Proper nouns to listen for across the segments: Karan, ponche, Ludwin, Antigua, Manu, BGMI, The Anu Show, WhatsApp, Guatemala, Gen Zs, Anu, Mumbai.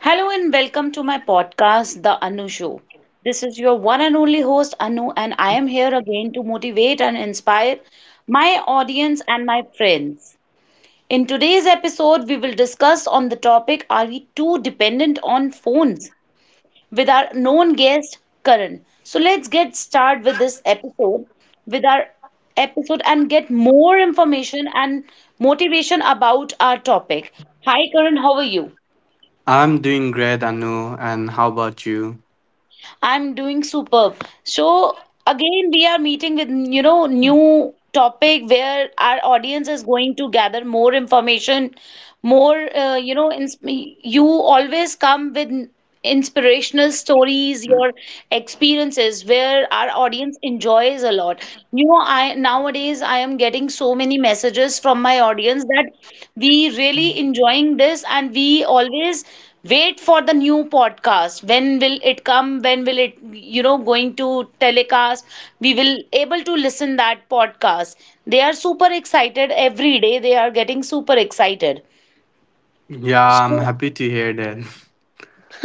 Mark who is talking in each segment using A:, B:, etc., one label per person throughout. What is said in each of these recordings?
A: Hello and welcome to my podcast, The Anu Show. This is your one and only host, Anu, and I am here again to motivate and inspire my audience and my friends. In today's episode, we will discuss on the topic are we too dependent on phones? With our known guest, Karan. So let's get started with this episode, with our episode, and get more information and motivation about our topic. Hi, Karan, how are you?
B: I'm doing great, Anu. And how about you?
A: I'm doing superb. So again, we are meeting with, you know, new topic where our audience is going to gather more information, more, you know, ins you always come with inspirational stories, your experiences where our audience enjoys a lot. I nowadays I am getting so many messages from my audience that we really enjoying this, and we always wait for the new podcast. When will it come, when will it going to telecast, we will able to listen that podcast. They are super excited, every day they are getting super excited.
B: Yeah, I'm
A: So
B: happy to hear that.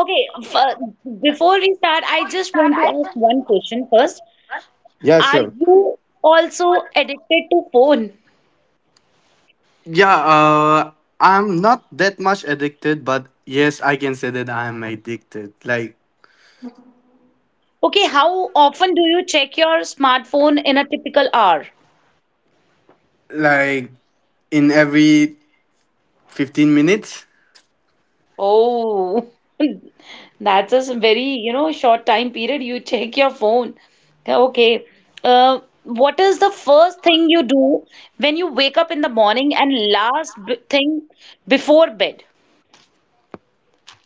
A: okay before we start, I just want to ask one question first.
B: Yeah,
A: Are
B: sure.
A: you also addicted to phone?
B: Yeah, uh, I'm not that much addicted, but yes, I can say that I'm addicted. Like,
A: Okay, how often do you check your smartphone in a typical hour?
B: like in every 15 minutes.
A: Oh, that's a very, short time period. You check your phone. Yeah, okay. What is the first thing you do when you wake up in the morning and last b thing before bed?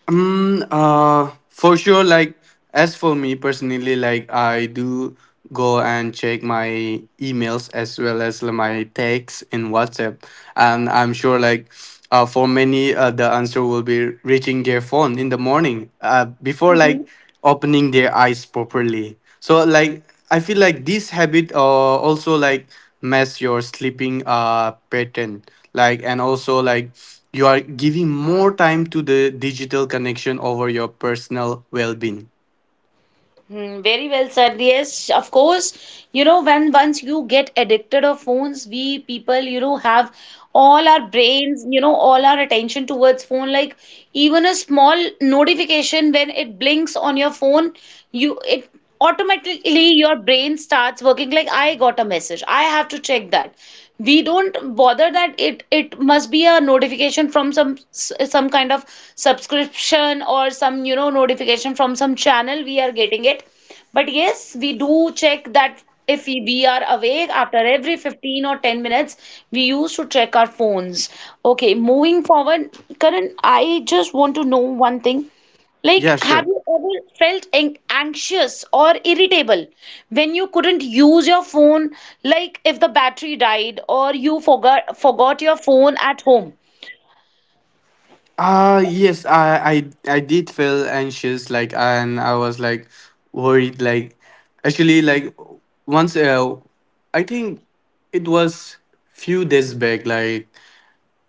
B: For sure. Like, as for me personally, like I do go and check my emails as well as like, my texts in WhatsApp, and I'm sure like. For many, the answer will be reaching their phone in the morning before
A: Hmm?
B: like opening their eyes properly. So like I feel like this habit also like mess your sleeping pattern like and also like you are giving more time to the digital connection over your personal well-being.
A: Hmm, very well said. Yes, of course. You know, when once you get addicted of phones, we people, you know, have all our brains, you know, all our attention towards phone. Like even a small notification when it blinks on your phone, you it automatically your brain starts working like I got a message, I have to check that. We don't bother that it must be a notification from some some kind of subscription or some you know notification from some channel we are getting it, but yes we do check that. If we are awake, after every 15 or 10 minutes we used to check our phones. Okay, moving forward, Karan, I just want to know one thing,
B: Yeah,
A: like have
B: sure.
A: you ever felt anxious or irritable when you couldn't use your phone, like if the battery died or you forgot your phone at home?
B: Yes, I did feel anxious like and I was like worried like actually like once, I think it was few days back like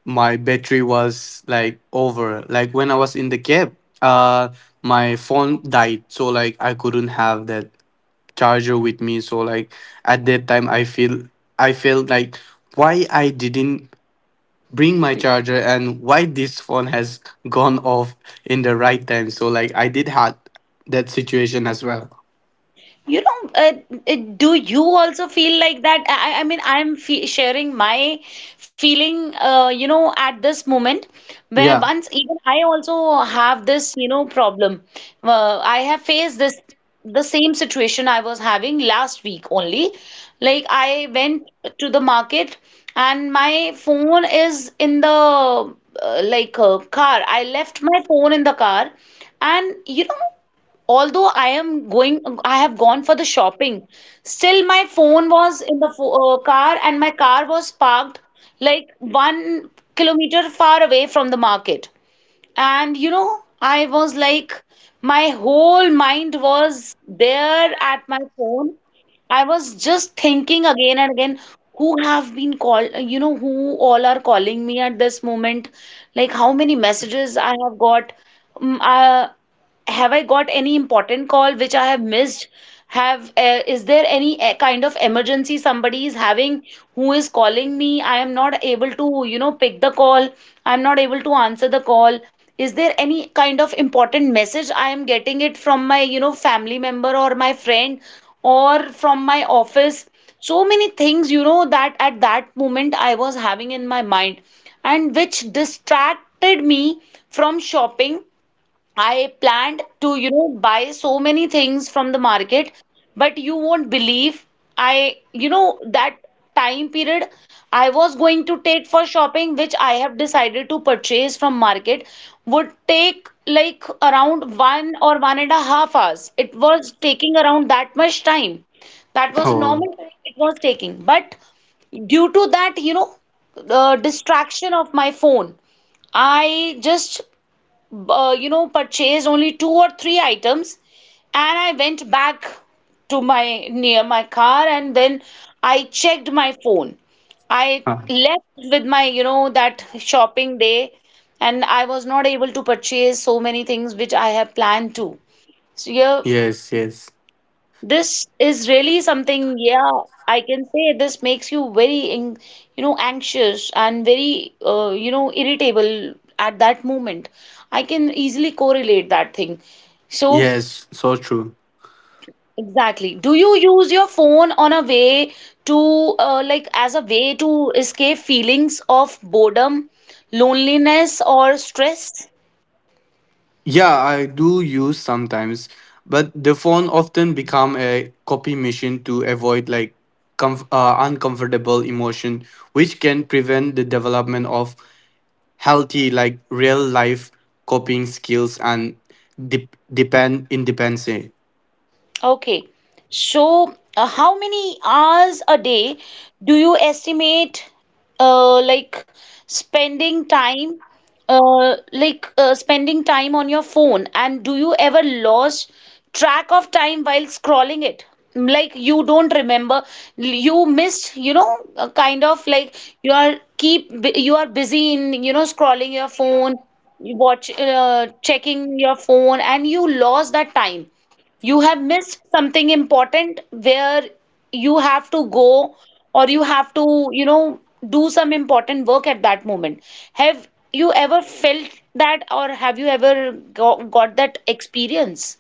B: my battery was like over. Like when I was in the cab, uh, my phone died, so like I couldn't have that charger with me. So like at that time, I felt like why I didn't bring my charger and why this phone has gone off in the right time. So like I did had that situation as well.
A: You know, do you also feel like that? I mean, I'm fe sharing my feeling, you know, at this moment, where
B: Yeah.
A: once even I also have this, you know, problem. I have faced this the same situation I was having last week only. Like I went to the market and my phone is in the car. I left my phone in the car, and you know although I am going, I have gone for the shopping, still my phone was in the car, and my car was parked like 1 kilometer far away from the market. And you know, I was like, my whole mind was there at my phone. I was just thinking again and again, who have been called, you know, who all are calling me at this moment, like how many messages I have got. Mm, uh, have I got any important call which I have missed? Have is there any kind of emergency somebody is having who is calling me? I am not able to, you know, pick the call. I'm not able to answer the call. Is there any kind of important message I am getting it from my, you know, family member or my friend or from my office? So many things, you know, that at that moment I was having in my mind, and which distracted me from shopping. I planned to, you know, buy so many things from the market, but you won't believe, that time period I was going to take for shopping, which I have decided to purchase from market, would take like around one or one and a half hours. It was taking around that much time. That was
B: Oh.
A: normal time it was taking. But due to that, distraction of my phone, I just purchased only two or three items, and I went back to my car, and then I checked my phone. I
B: Huh.
A: left with my, you know, that shopping day, and I was not able to purchase so many things which I have planned to. So yeah,
B: Yes. Yes.
A: this is really something, yeah, I can say this makes you very, anxious and very, irritable at that moment. I can easily correlate that thing. So,
B: Yes. So true.
A: exactly. Do you use your phone on a way to, like, as a way to escape feelings of boredom, loneliness, or stress?
B: Yeah, I do use sometimes, but the phone often become a copy machine to avoid like uncomfortable emotion, which can prevent the development of healthy like real life coping skills and depend independency.
A: Okay. So, how many hours a day do you estimate, like spending time, spending time on your phone? And do you ever lose track of time while scrolling it? Like you don't remember, you missed, kind of like you are keep you are busy in, you know, scrolling your phone, checking your phone, and you lost that time. You have missed something important where you have to go or you have to, you know, do some important work at that moment. Have you ever felt that, or have you ever go got that experience?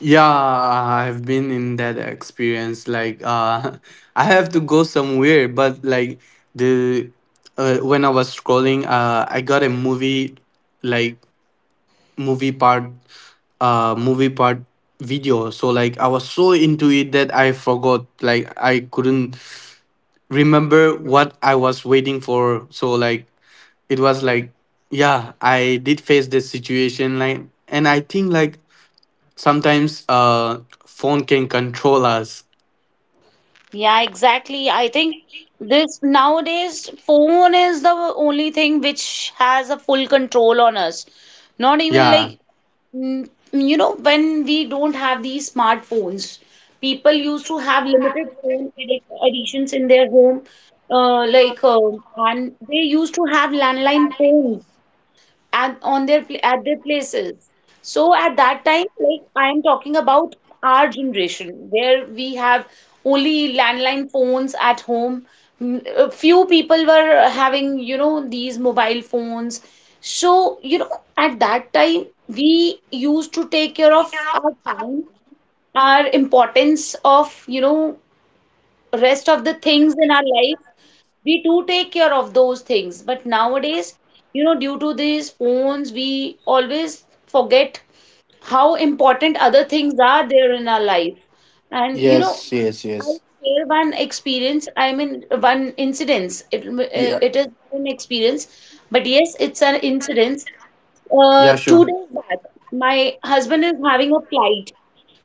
B: Yeah, I've been in that experience. Like, I have to go somewhere, but like the when I was scrolling, I got a movie like movie part movie part video. So like I was so into it that I forgot, like I couldn't remember what I was waiting for. So like it was like, yeah, I did face this situation like, and I think like sometimes phone can control us.
A: Yeah, exactly. I think this nowadays phone is the only thing which has a full control on us. Not even
B: Yeah.
A: like you know when we don't have these smartphones, people used to have limited phone addic- additions in their home, uh, like uh, and they used to have landline phones at their places. So at that time, like I am talking about our generation, where we have only landline phones at home. Mm, a few people were having, you know, these mobile phones. So, you know, at that time, we used to take care of our time, our importance of, you know, rest of the things in our life, we do take care of those things. But nowadays, you know, due to these phones we always forget how important other things are there in our life, and you know,
B: Yes, yes,
A: I'll
B: yes.
A: share one experience. I mean, one incidence,
B: Yeah,
A: it is an experience, but yes it's an incident. Uh,
B: yeah,
A: two
B: sure.
A: days back, my husband is having a flight.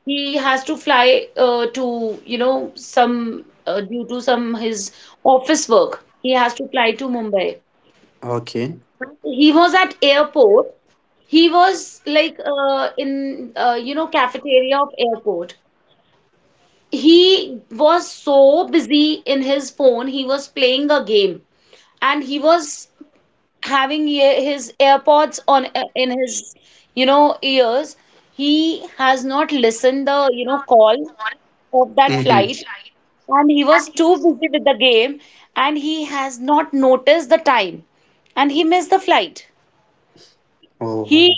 A: He has to fly to, you know, some due to some his office work. He has to fly to Mumbai.
B: Okay.
A: He was at airport. He was like in you know cafeteria of airport. He was so busy in his phone. He was playing a game, and he was having his AirPods on in his you know ears. He has not listened the you know call of that
B: Hmm.
A: flight, and he was too busy with the game, and he has not noticed the time, and he missed the flight.
B: Oh.
A: He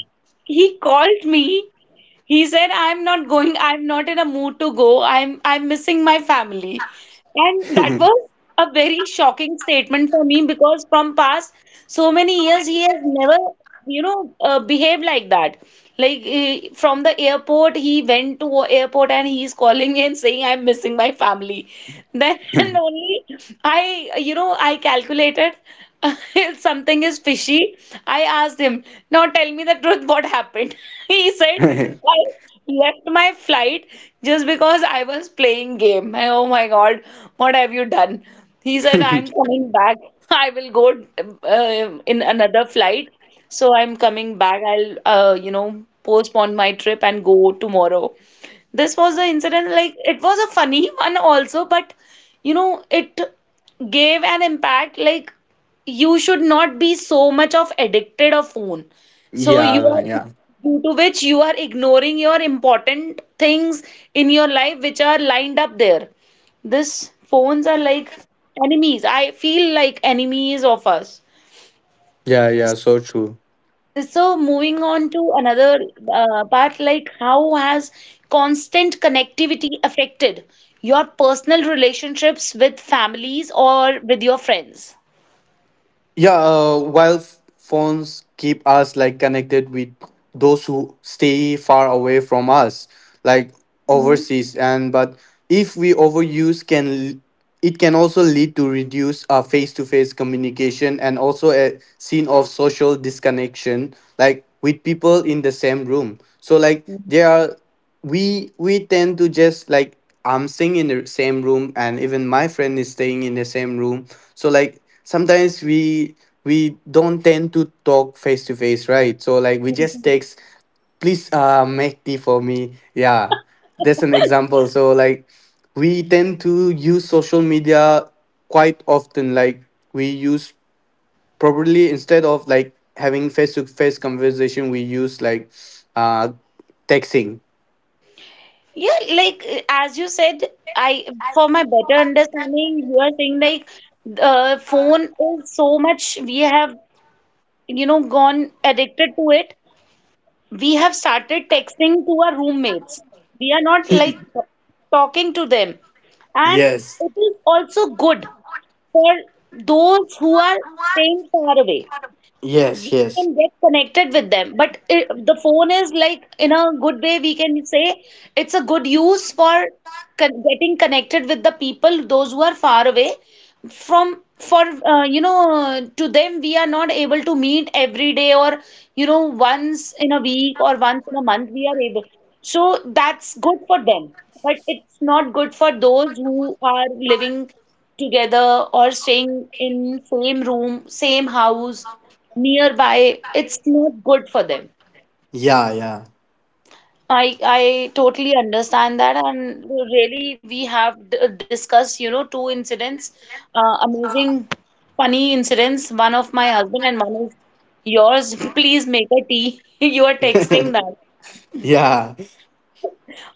A: he called me, he said, I'm not going, I'm not in a mood to go, I'm missing my family. And that was a very shocking statement for me, because from past so many years he has never, behaved like that. Like he went to a airport, and he's calling me and saying, I'm missing my family. Then only I, you know, I calculated something is fishy. I asked him, now tell me the truth, what happened? He said, I left my flight just because I was playing game. And, oh my God, what have you done? He said, I'm coming back. I will go in another flight. So I'm coming back. I'll, postpone my trip and go tomorrow. This was the incident. Like, it was a funny one also, but, you know, it gave an impact. Like, you should not be so much of addicted of phone. So you
B: yeah
A: are,
B: yeah
A: due to which you are ignoring your important things in your life which are lined up there. This phones are like enemies. I feel like enemies of us.
B: yeah yeah so true.
A: So moving on to another part, like how has constant connectivity affected your personal relationships with families or with your friends?
B: Yeah, while phones keep us like connected with those who stay far away from us, like
A: Mhm.
B: overseas, and but if we overuse, it can also lead to reduce face-to-face communication and also a scene of social disconnection, like with people in the same room. So like there are we tend to just like, I'm staying in the same room and even my friend is staying in the same room. So like sometimes we don't tend to talk face to face, right? So like we just text, please make tea for me. Yeah. That's an example. So like we tend to use social media quite often. Like we use probably instead of like having face to face conversation, we use like uh texting.
A: Yeah, like as you said, I for my better understanding, you are saying like the phone is so much we have, you know, gone addicted to it. We have started texting to our roommates. We are not like talking to them. And
B: Yes,
A: it is also good for those who are staying far away. We
B: yes, yes.
A: can get connected with them, but the phone is like in a good way, we can say it's a good use for getting connected with the people those who are far away from for to them. We are not able to meet every day or, you know, once in a week or once in a month we are able, so that's good for them. But it's not good for those who are living together or staying in same room same house nearby. It's not good for them.
B: Yeah, yeah,
A: I totally understand that, and really we have discussed, you know, two incidents, amazing, funny incidents. One of my husband and one is yours. Please make a tea. You are texting that.
B: yeah.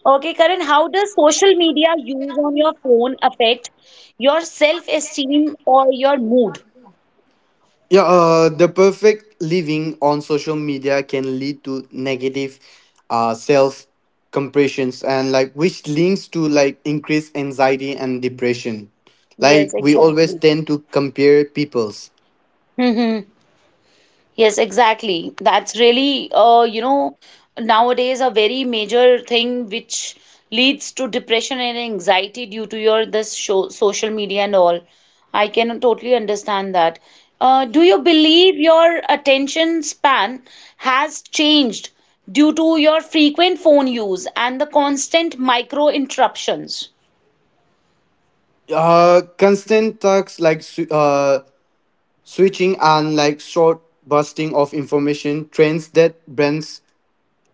A: Okay, Karan, how does social media use on your phone affect your self-esteem or your mood?
B: Yeah, the perfect living on social media can lead to negative self compressions and like which links to like increased anxiety and depression.
A: Yes,
B: Like we always
A: exactly.
B: tend to compare people's.
A: Hmm. Yes, exactly. That's really, nowadays a very major thing which leads to depression and anxiety due to your this show, social media and all. I can totally understand that. Do you believe your attention span has changed due to your frequent phone use and the constant micro interruptions?
B: Constant talks like switching and like short bursting of information trends that brands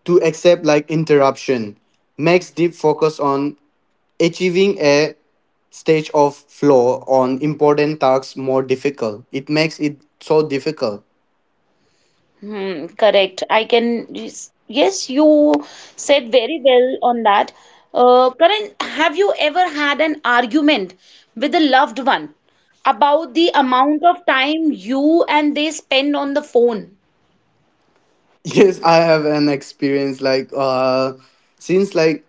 B: to accept like interruption. Max deep focus on achieving a stage of flow on important tasks more difficult. It makes it so difficult.
A: Hmm, correct. I can, yes, yes, you said very well on that. Karan, have you ever had an argument with a loved one about the amount of time you and they spend on the phone?
B: Yes, I have an experience like since like,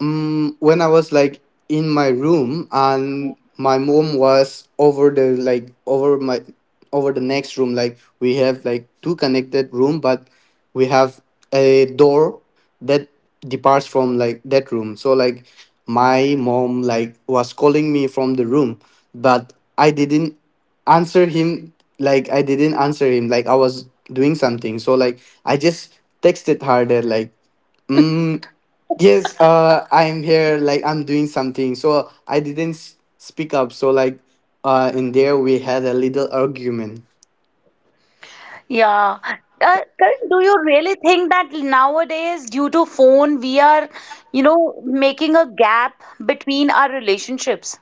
B: When I was like in my room and my mom was over the over the next room, like we have like two connected room, but we have a door that departs from like that room. So like my mom like was calling me from the room, but I didn't answer him. Like I was doing something, so like I just texted her that like, Mm, yes, I'm here. Like I'm doing something, so I didn't speak up. So like, in there we had a little argument.
A: Yeah. Karan, do you really think that nowadays, due to phone, we are, you know, making a gap between our relationships?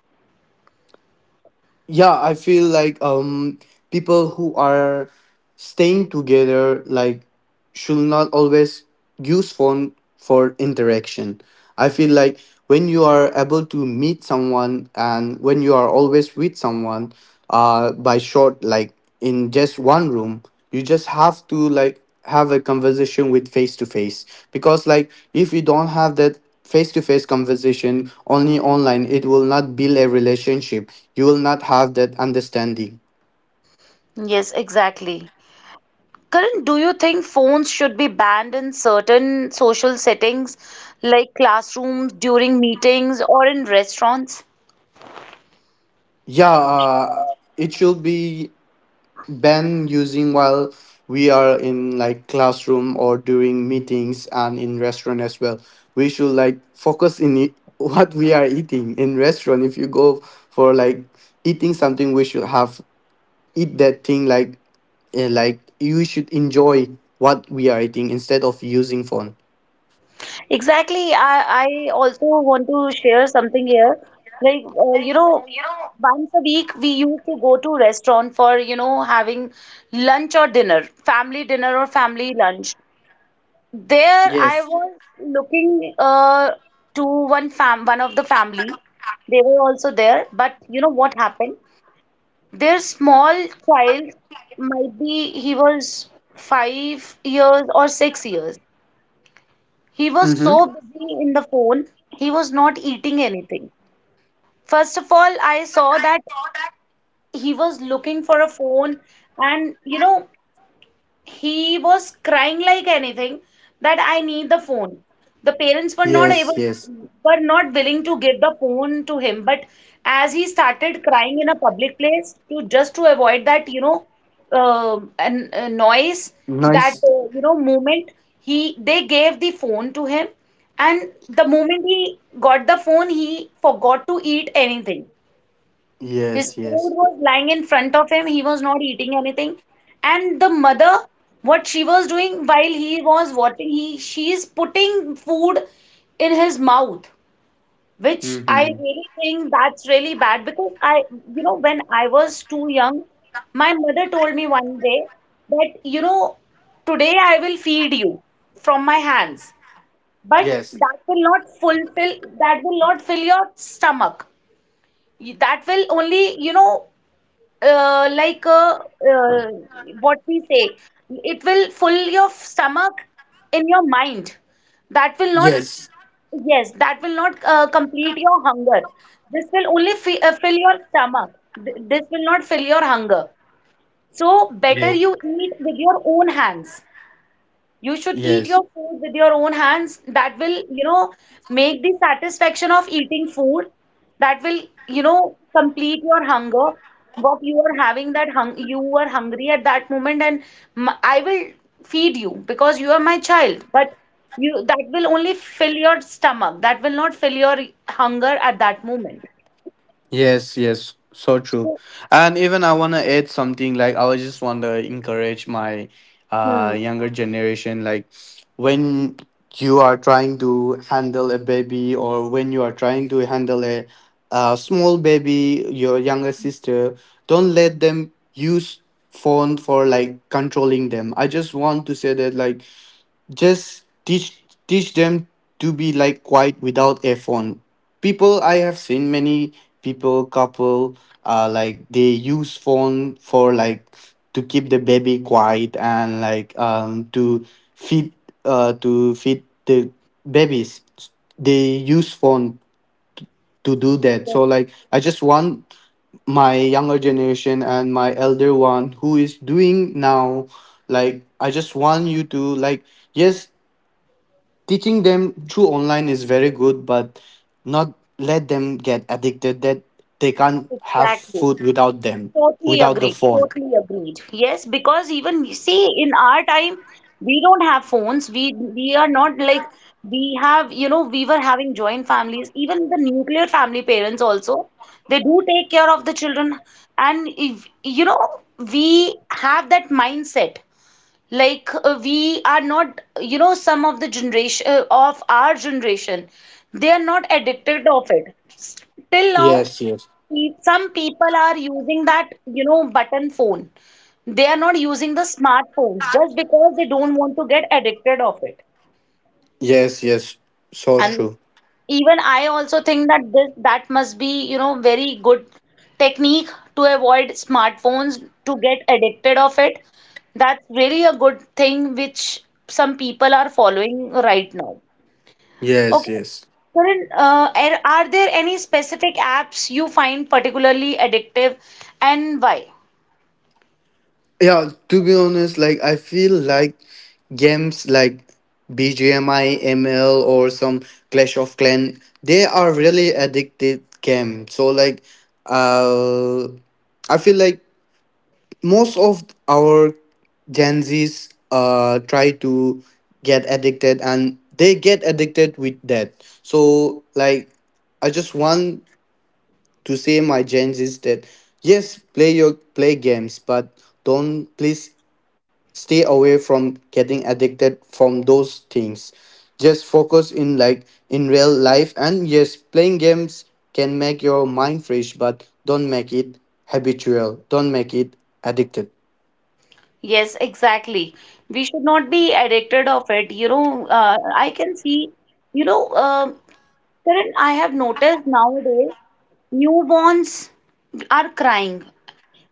B: Yeah. I feel like People who are staying together like should not always use phone for interaction. I feel like when you are able to meet someone and when you are always with someone, by short like in just one room, you just have to like have a conversation with face to face, because like if you don't have that face to face conversation only online, it will not build a relationship, you will not have that understanding.
A: Yes, exactly. Karan, do you think phones should be banned in certain social settings like classrooms, during meetings, or in restaurants?
B: yeah uh, it should be banned using while we are in like classroom or during meetings and in restaurant as well. We should like focus in it, what we are eating in restaurant. If you go for like eating something, we should have eat that thing like, like you should enjoy what we are eating instead of using phone.
A: Exactly. I also want to share something here. Like, once a week we used to go to restaurant for, having lunch or dinner, family dinner or family lunch. There
B: Yes.
A: I was looking to one of the family. They were also there, but you know what happened? Their small child might be he was 5 years or 6 years. He was
B: Mm-hmm.
A: so busy in the phone, he was not eating anything. First of all, I saw that he was looking for a phone, and, he was crying like anything that I need the phone. The parents were not
B: Yes,
A: able,
B: yes.
A: were not willing to give the phone to him. But as he started crying in a public place, to just to avoid that, a noise, that
B: Nice.
A: moment he they gave the phone to him, and the moment he got the phone, he forgot to eat anything. His
B: Yes,
A: food
B: yes.
A: was lying in front of him. He was not eating anything. And the mother, what she was doing while he was watching, he she is putting food in his mouth, which I
B: Mm-hmm.
A: really think that's really bad because when I was too young, my mother told me one day that, today I will feed you from my hands, but
B: Yes.
A: that will not fulfill, that will not fill your stomach. That will only, like uh, what we say, it will fill your stomach in your mind. That will not,
B: Yes.
A: yes, that will not complete your hunger. This will only fi fill your stomach. This will not fill your hunger. So better
B: Yes.
A: you eat with your own hands. You should eat
B: Yes.
A: your food with your own hands. That will, make the satisfaction of eating food. That will, complete your hunger. What you are having that hung you are hungry at that moment, and m I will feed you because you are my child. But you that will only fill your stomach. That will not fill your hunger at that moment.
B: Yes, yes, so true.
A: So,
B: And even I wanna add something like I was just wanna encourage my
A: hmm,
B: younger generation like, when you are trying to handle a baby or when you are trying to handle a small baby, your younger sister, don't let them use phone for like controlling them. I just want to say that like just teach them to be like quiet without a phone. People, I have seen many people couple, like they use phone for like to keep the baby quiet and like to feed, to feed the babies, they use phone to do that.
A: yes,
B: So like I just want my younger generation and my elder one who is doing now, like I just want you to like, yes, teaching them through online is very good, but not let them get addicted that they can't have
A: exactly.
B: food without them,
A: Totally
B: without the
A: agreed.
B: phone.
A: Totally agreed. Yes, because even you see in our time, we don't have phones. We are not like we have, we were having joint families. Even the nuclear family parents also, they do take care of the children. And if you know, we have that mindset. Like we are not, some of the generation of our generation, they are not addicted of it. Till now,
B: Yes, yes,
A: some people are using that, button phone. They are not using the smartphones just because they don't want to get addicted of it.
B: yes. Yes, so
A: And
B: true.
A: even I also think that this that must be, very good technique to avoid smartphones to get addicted of it. That's really a good thing which some people are following right now.
B: Yes,
A: Okay.
B: yes.
A: Karan, are there any specific apps you find particularly addictive and why?
B: Yeah, to be honest, like I feel like games like BGMI, ML, or some Clash of clan they are really addicted game. So like, uh I feel like most of our Gen Zs, try to get addicted and they get addicted with that. So, like, I just want to say my Gen Zs that yes, play your play games, but don't please stay away from getting addicted from those things. Just focus in like in real life, and yes, playing games can make your mind fresh, but don't make it habitual. Don't make it addicted.
A: Yes, exactly. We should not be addicted of it. I can see, you know, um Karan, I have noticed nowadays newborns are crying.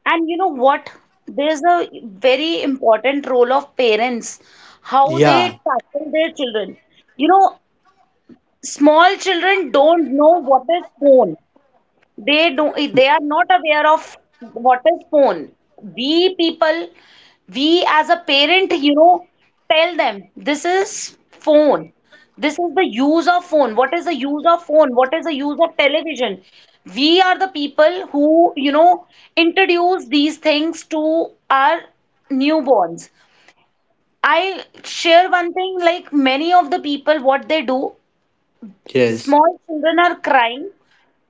A: And you know what? There's a very important role of parents, how they
B: Yeah.
A: tackle their children. You know, small children don't know what is phone. They are not aware of what is phone. We people, we as a parent, tell them this is phone. This is the use of phone. What is the use of phone, what is the use of television. We are the people who, introduce these things to our newborns. I share one thing like many of the people what they do,
B: Yes.
A: small children are crying,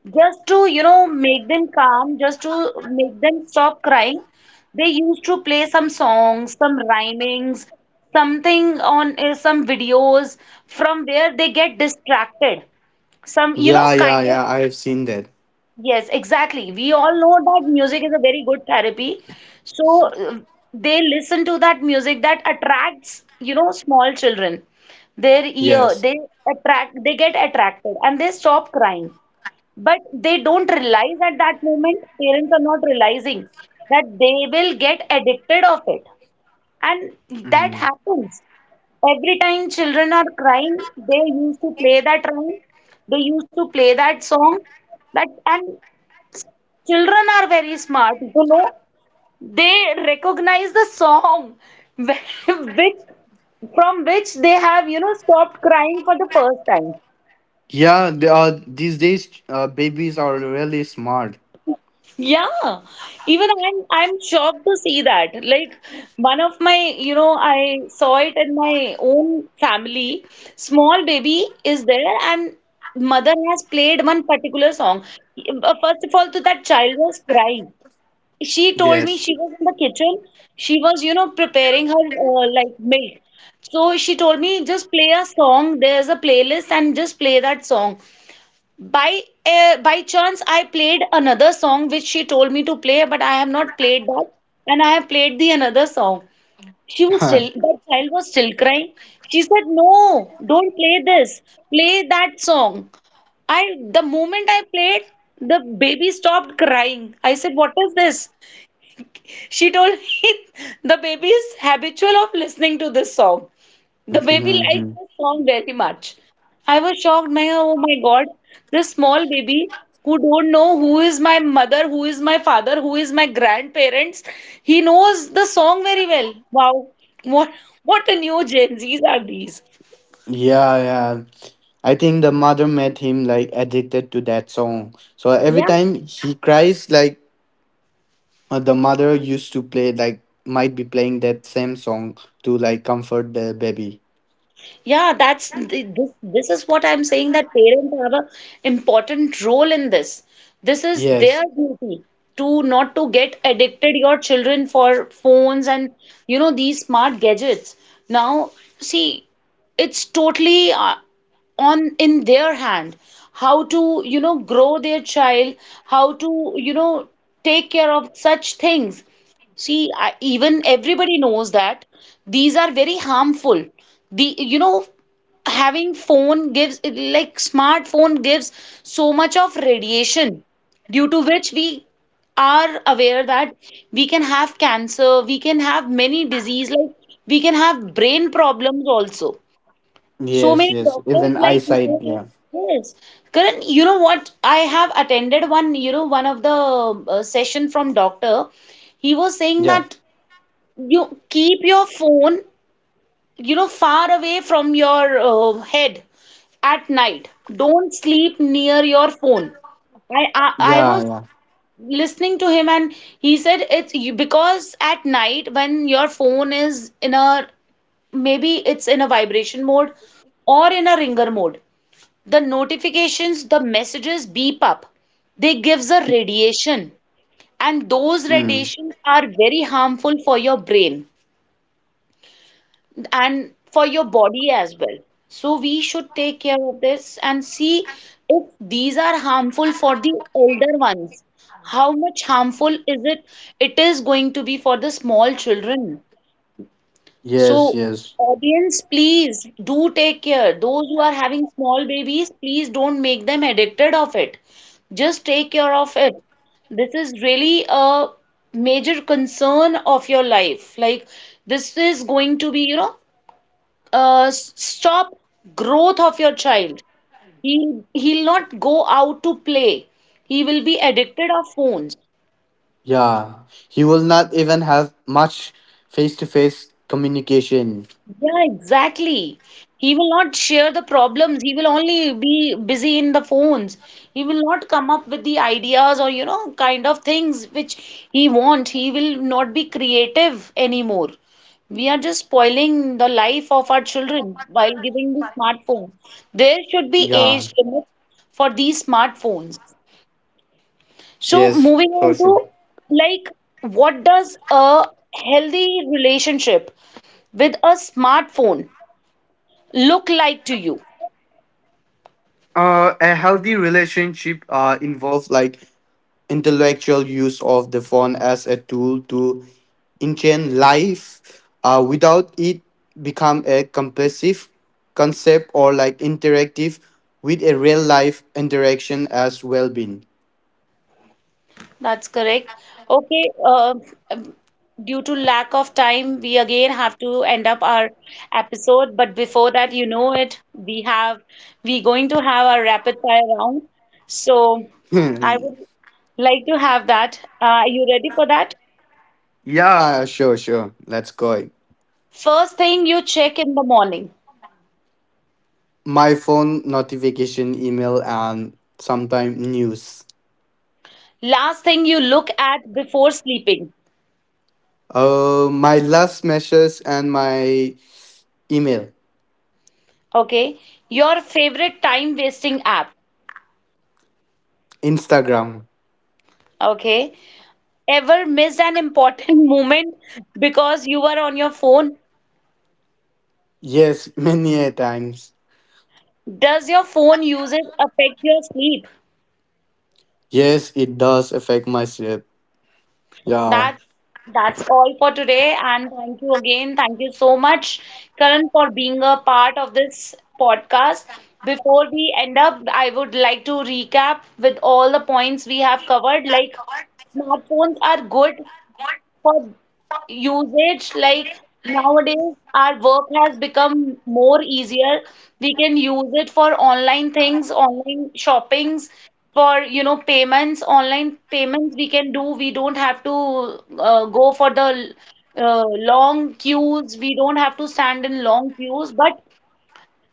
A: just to, make them calm, just to make them stop crying. They used to play some songs, some rhymings, something on some videos from where they get distracted. Some,
B: Yeah. Yeah.
A: kind of,
B: Yeah. I have seen that.
A: yes, exactly. We all know that music is a very good therapy. So they listen to that music that attracts, small children. Their ear,
B: Yes.
A: they attract, they get attracted and they stop crying. But they don't realize at that moment, parents are not realizing that they will get addicted of it. And that
B: Mhm.
A: happens. Every time children are crying, they used to play that rhyme, they used to play that song. That, and children are very smart. They recognize the song which from which they have, stopped crying for the first time.
B: Yeah. They are, these days, babies are really smart.
A: Yeah, even I'm shocked to see that. Like one of my, you know, I saw it in my own family. Small baby is there, and mother has played one particular song. First of all, to that child was crying. She told me
B: Yes.
A: she was in the kitchen. She was, preparing her like milk. So she told me just play a song. There's a playlist and just play that song. By chance, I played another song which she told me to play, but I have not played that, and I have played the another song. She was still that child was still crying. She said, "No, don't play this. Play that song." I the moment I played, the baby stopped crying. I said, "What is this?" She told me the baby is habitual of listening to this song. The baby liked
B: Mhm.
A: the song very much. I was shocked. My oh my God, this small baby who don't know who is my mother, who is my father, who is my grandparents, he knows the song very well. Wow, what what a new Gen Zs are these.
B: Yeah. Yeah. I think the mother made him like addicted to that song. So every
A: Yeah,
B: time he cries, like the mother used to play, like might be playing that same song to like comfort the baby.
A: this is what I'm saying that parents have a important role in this. This is their
B: Yes.
A: duty to not to get addicted your children for phones and, these smart gadgets. Now, see, it's totally on in their hand how to, grow their child, how to, take care of such things. See, even everybody knows that these are very harmful. The, having phone gives, like smartphone gives so much of radiation, due to which we are aware that we can have cancer, we can have many disease, like we can have brain problems also. So
B: Yes.
A: many
B: Yes.
A: doctors
B: Even
A: like
B: eyesight.
A: nowadays,
B: Yeah.
A: yes. Karan, you know what? I have attended one of the session from doctor. He was saying
B: Yeah,
A: that you keep your phone, far away from your head at night. Don't sleep near your phone. I, I I
B: yeah,
A: was
B: yeah.
A: listening to him and he said it's because at night when your phone is in a maybe it's in a vibration mode or in a ringer mode, the notifications, the messages beep up. They gives a radiation and those
B: Mm.
A: radiations are very harmful for your brain. And for your body as well. So we should take care of this and see, if these are harmful for the elder ones, how much harmful is it It is going to be for the small children. So,
B: Yes, yes,
A: audience, please do take care. Those who are having small babies, please don't make them addicted of it. Just take care of it. This is really a major concern of your life. Like, this is going to be, stop growth of your child. He'll not go out to play. He will be addicted of phones.
B: yeah. He will not even have much face to face communication.
A: Yeah, exactly. He will not share the problems. He will only be busy in the phones. He will not come up with the ideas or, kind of things which he want. He will not be creative anymore. We are just spoiling the life of our children while giving the smartphones. There should be
B: Yeah,
A: age limit for these smartphones. So
B: yes,
A: moving
B: for
A: on
B: sure.
A: to, like, what does a healthy relationship with a smartphone look like to you?
B: A healthy relationship involves like intellectual use of the phone as a tool to enchant life. Without it become a compulsive concept or like interactive with a real life interaction as well being.
A: That's correct. Okay, um, due to lack of time, we again have to end up our episode. But before that, it, we going to have our rapid fire round. So I would like to have that. Are you ready for that?
B: Yeah, sure. Let's go.
A: First thing you check in the morning.
B: My phone notification, email, and sometime news.
A: Last thing you look at before sleeping,
B: My last messages and my email.
A: okay? Your favorite time wasting app,
B: Instagram.
A: okay? Ever missed an important moment because you were on your phone?
B: Yes, many a times.
A: Does your phone usage affect your sleep?
B: Yes, it does affect my sleep. Yeah.
A: That's that's all for today and thank you again. Thank you so much, Karan, for being a part of this podcast. Before we end up, I would like to recap with all the points we have covered, like smartphones are good for usage. Like nowadays our work has become more easier. We can use it for online things, online shoppings, for, payments, online payments we can do. We don't have to, go for the, uh, long queues. We don't have to stand in long queues. But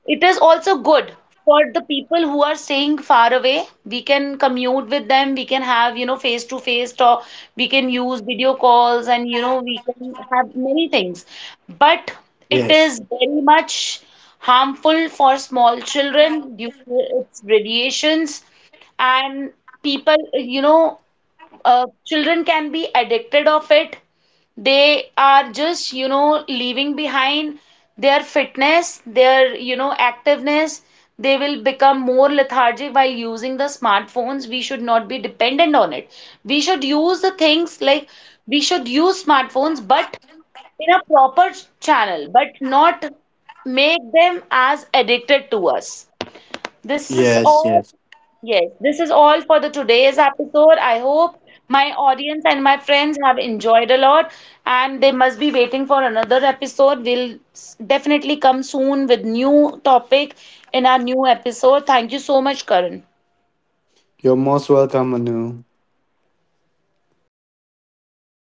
A: it is also good for the people who are staying far away. We can commute with them. We can have, face to face talk. We can use video calls and, we can have many things. But it
B: Yes.
A: is very much harmful for small children due to its radiations. And people, children can be addicted of it. They are just, leaving behind their fitness, their, activeness. They will become more lethargic while using the smartphones. We should not be dependent on it. We should use the things, like we should use smartphones, but in a proper channel. But not make them as addicted to us. This is
B: Yes.
A: all.
B: Yes.
A: Yes, this is all for the today's episode. I hope my audience and my friends have enjoyed a lot and they must be waiting for another episode. We'll definitely come soon with new topic in our new episode. Thank you so much, Karan.
B: You're most welcome, Manu.